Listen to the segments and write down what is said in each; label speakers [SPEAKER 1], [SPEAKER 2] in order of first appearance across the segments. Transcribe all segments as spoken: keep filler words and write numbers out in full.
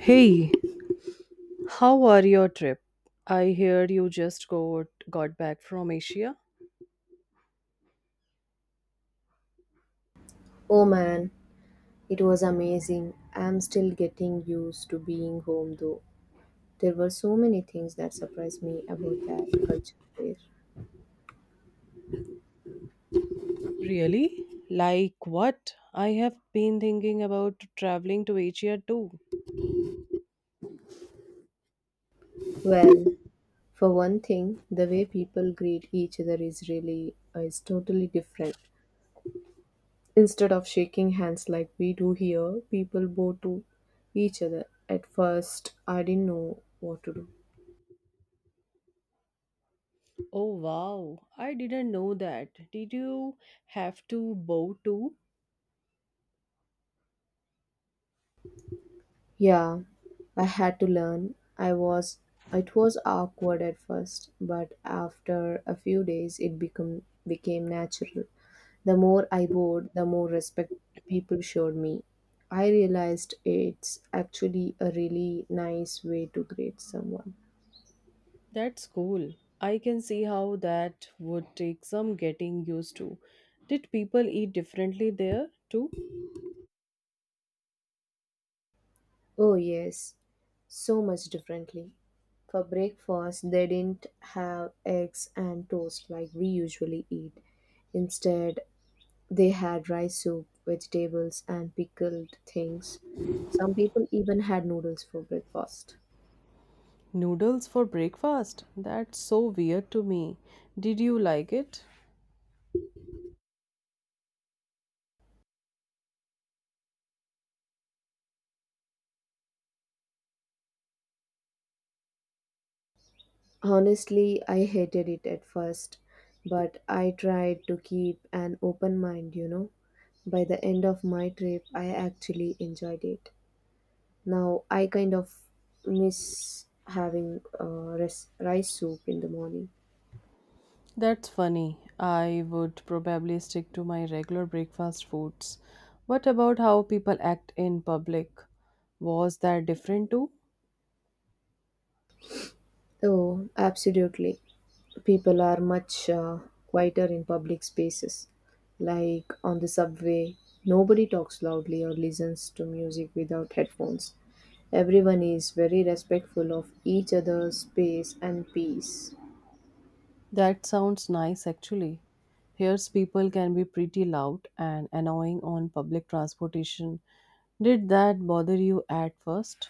[SPEAKER 1] Hey, how are your trip? I heard you just got got back from Asia.
[SPEAKER 2] Oh man, it was amazing. I'm still getting used to being home though. There were so many things that surprised me about that culture there.
[SPEAKER 1] Really? Like what? I have been thinking about traveling to Asia too.
[SPEAKER 2] Well, for one thing, the way people greet each other is really uh, is totally different. Instead of shaking hands like we do here, people bow to each other. At first, I didn't know what to do.
[SPEAKER 1] Oh wow, I didn't know that. Did you have to bow too?
[SPEAKER 2] Yeah, I had to learn. I was It was awkward at first, but after a few days it become became natural. The more I bowed, the more respect people showed me. I realized it's actually a really nice way to greet someone.
[SPEAKER 1] That's cool. I can see how that would take some getting used to. Did people eat differently there too?
[SPEAKER 2] Oh yes, so much differently. For breakfast, they didn't have eggs and toast like we usually eat. Instead, they had rice soup, vegetables, and pickled things. Some people even had noodles for breakfast.
[SPEAKER 1] Noodles for breakfast? That's so weird to me. Did you like it?
[SPEAKER 2] Honestly, I hated it at first, but I tried to keep an open mind, you know. By the end of my trip, I actually enjoyed it. Now, I kind of miss having uh, res- rice soup in the morning.
[SPEAKER 1] That's funny. I would probably stick to my regular breakfast foods. What about how people act in public? Was that different too?
[SPEAKER 2] Oh, absolutely. People are much uh, quieter in public spaces, like on the subway. Nobody talks loudly or listens to music without headphones. Everyone is very respectful of each other's space and peace.
[SPEAKER 1] That sounds nice actually. Here's people can be pretty loud and annoying on public transportation. Did that bother you at first?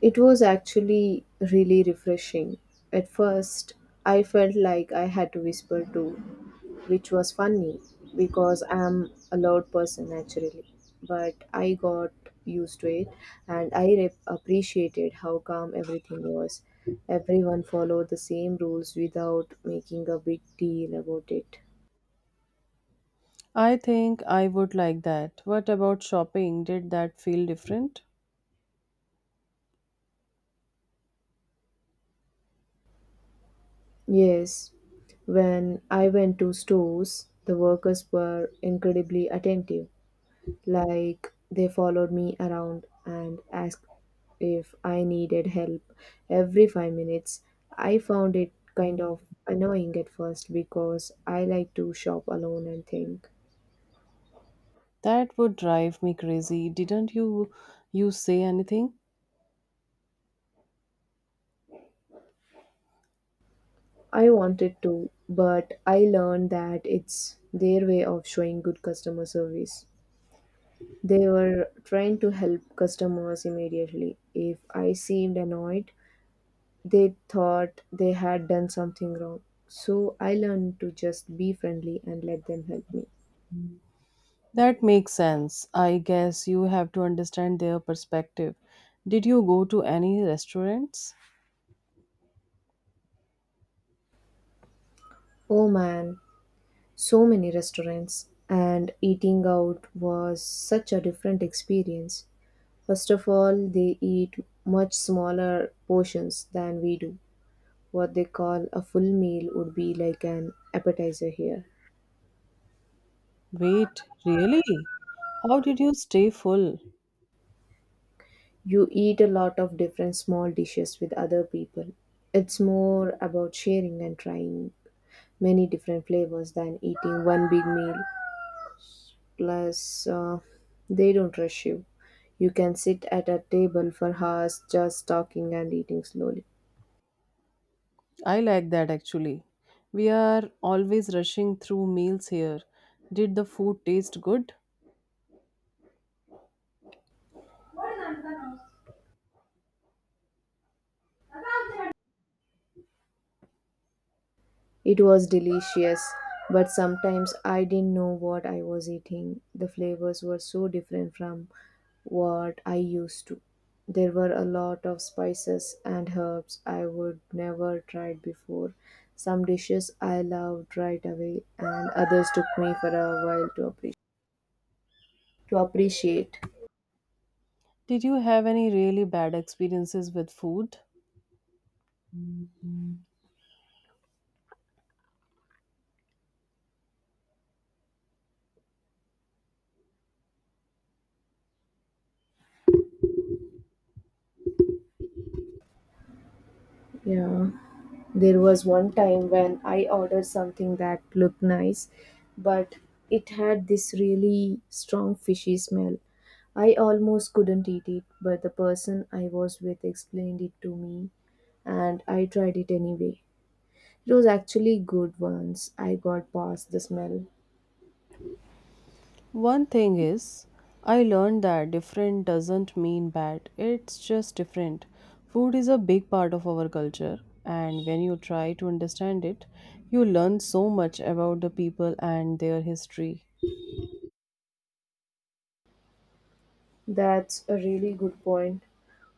[SPEAKER 2] It was actually really refreshing. At first, I felt like I had to whisper too, which was funny because I'm a loud person naturally. But I got used to it and I re- appreciated how calm everything was. Everyone followed the same rules without making a big deal about it.
[SPEAKER 1] I think I would like that. What about shopping? Did that feel different?
[SPEAKER 2] Yes, when I went to stores, the workers were incredibly attentive. Like, they followed me around and asked if I needed help every five minutes. I found it kind of annoying at first because I like to shop alone and think.
[SPEAKER 1] That would drive me crazy. Didn't you you say anything?
[SPEAKER 2] I wanted to, but I learned that it's their way of showing good customer service. They were trying to help customers immediately. If I seemed annoyed, they thought they had done something wrong. So I learned to just be friendly and let them help me.
[SPEAKER 1] That makes sense. I guess you have to understand their perspective. Did you go to any restaurants?
[SPEAKER 2] Oh man, so many restaurants, and eating out was such a different experience. First of all, they eat much smaller portions than we do. What they call a full meal would be like an appetizer here.
[SPEAKER 1] Wait, really? How did you stay full?
[SPEAKER 2] You eat a lot of different small dishes with other people. It's more about sharing and trying many different flavors than eating one big meal. Plus, uh, they don't rush you. You can sit at a table for hours just talking and eating slowly.
[SPEAKER 1] I like that actually. We are always rushing through meals here. Did the food taste good?
[SPEAKER 2] It was delicious, but sometimes I didn't know what I was eating. The flavors were so different from what I used to. There were a lot of spices and herbs I would never tried before. Some dishes I loved right away, and others took me for a while to appreciate. to appreciate.
[SPEAKER 1] Did you have any really bad experiences with food?
[SPEAKER 2] Yeah, there was one time when I ordered something that looked nice, but it had this really strong fishy smell. I almost couldn't eat it, but the person I was with explained it to me, and I tried it anyway. It was actually good once I got past the smell.
[SPEAKER 1] One thing is, I learned that different doesn't mean bad, it's just different. Food is a big part of our culture, and when you try to understand it, you learn so much about the people and their history.
[SPEAKER 2] That's a really good point.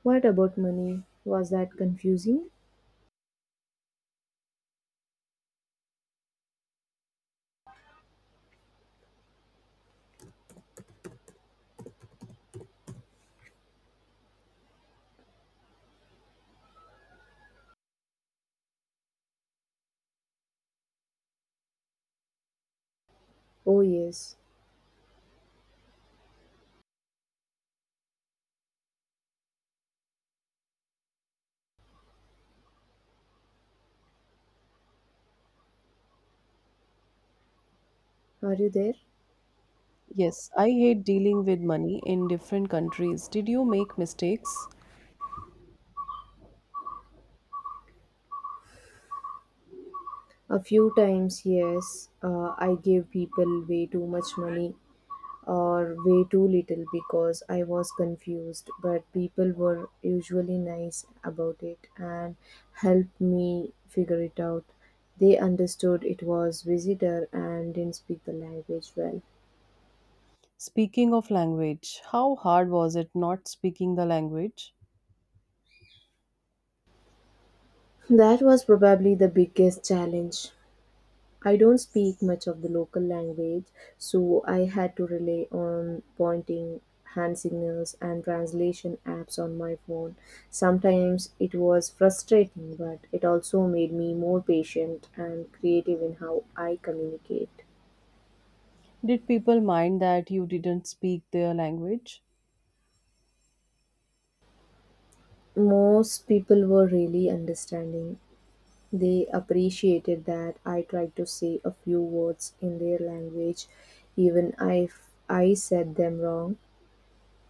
[SPEAKER 2] What about money? Was that confusing? Oh, yes. Are you there?
[SPEAKER 1] Yes, I hate dealing with money in different countries. Did you make mistakes?
[SPEAKER 2] A few times, yes, uh, I gave people way too much money or way too little because I was confused, but people were usually nice about it and helped me figure it out. They understood it was visitor and didn't speak the language well.
[SPEAKER 1] Speaking of language, how hard was it not speaking the language?
[SPEAKER 2] That was probably the biggest challenge. I don't speak much of the local language, so I had to rely on pointing, hand signals, and translation apps on my phone. Sometimes it was frustrating, but it also made me more patient and creative in how I communicate.
[SPEAKER 1] Did people mind that you didn't speak their language?
[SPEAKER 2] Most people were really understanding. They appreciated that I tried to say a few words in their language, even if I said them wrong.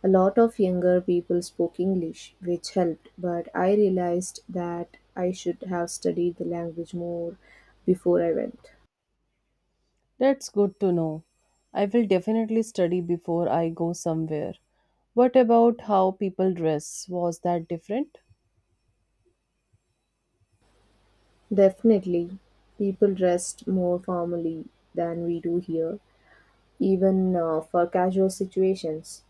[SPEAKER 2] A lot of younger people spoke English, which helped, but I realized that I should have studied the language more before I went.
[SPEAKER 1] That's good to know. I will definitely study before I go somewhere. What about how people dress? Was that different?
[SPEAKER 2] Definitely, people dressed more formally than we do here, even uh, for casual situations.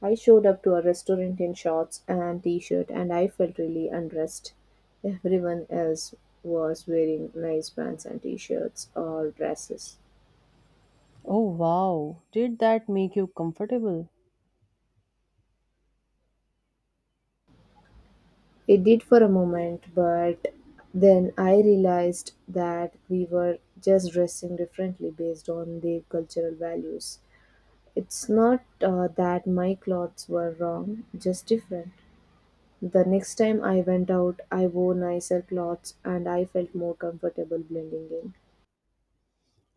[SPEAKER 2] I showed up to a restaurant in shorts and t shirt, and I felt really undressed. Everyone else was wearing nice pants and t shirts or dresses.
[SPEAKER 1] Oh wow, did that make you comfortable?
[SPEAKER 2] It did for a moment, but then I realized that we were just dressing differently based on their cultural values. It's not uh, that my clothes were wrong, just different. The next time I went out, I wore nicer clothes and I felt more comfortable blending in.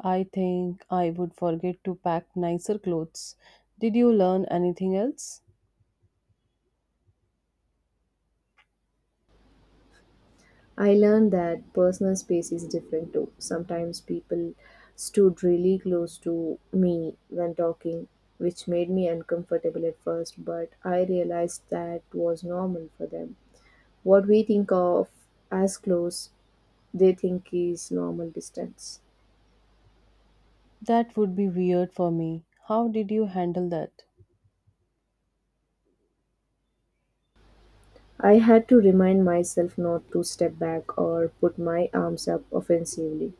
[SPEAKER 1] I think I would forget to pack nicer clothes. Did you learn anything else?
[SPEAKER 2] I learned that personal space is different too. Sometimes people stood really close to me when talking, which made me uncomfortable at first, but I realized that was normal for them. What we think of as close, they think is normal distance.
[SPEAKER 1] That would be weird for me. How did you handle that?
[SPEAKER 2] I had to remind myself not to step back or put my arms up offensively.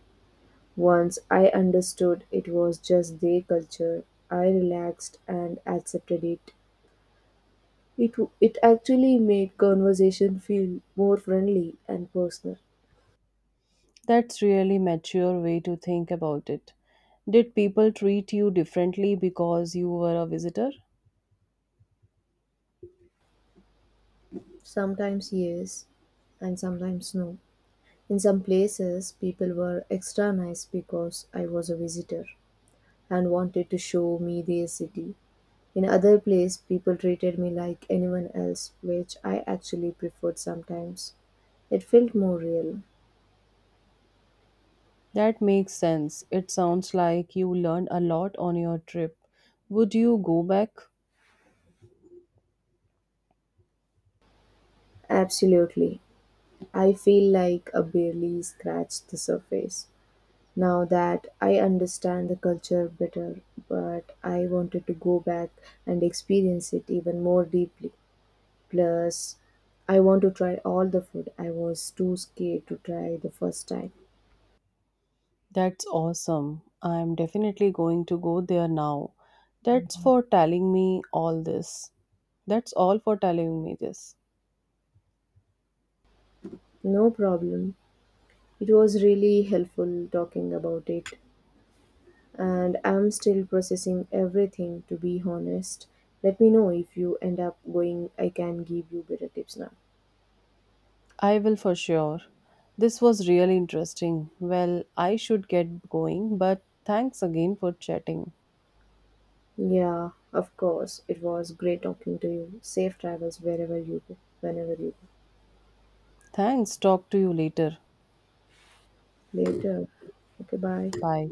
[SPEAKER 2] Once I understood it was just their culture, I relaxed and accepted it It, it actually made conversation feel more friendly and personal.
[SPEAKER 1] That's really mature way to think about it. Did people treat you differently because you were a visitor?
[SPEAKER 2] Sometimes yes, and sometimes no. In some places, people were extra nice because I was a visitor and wanted to show me their city. In other place, people treated me like anyone else, which I actually preferred sometimes. It felt more real.
[SPEAKER 1] That makes sense. It sounds like you learned a lot on your trip. Would you go back?
[SPEAKER 2] Absolutely. I feel like I barely scratched the surface. Now that I understand the culture better, but I wanted to go back and experience it even more deeply. Plus, I want to try all the food I was too scared to try the first time.
[SPEAKER 1] That's awesome. I'm definitely going to go there now. That's Mhm. for telling me all this. That's all for telling me this.
[SPEAKER 2] No problem. It was really helpful talking about it, and I'm still processing everything to be honest. Let me know if you end up going, I can give you better tips now.
[SPEAKER 1] I will for sure. This was really interesting. Well, I should get going, but thanks again for chatting.
[SPEAKER 2] Yeah, of course. It was great talking to you. Safe travels wherever you go, whenever you go.
[SPEAKER 1] Thanks. Talk to you later.
[SPEAKER 2] Later. Okay, bye.
[SPEAKER 1] Bye.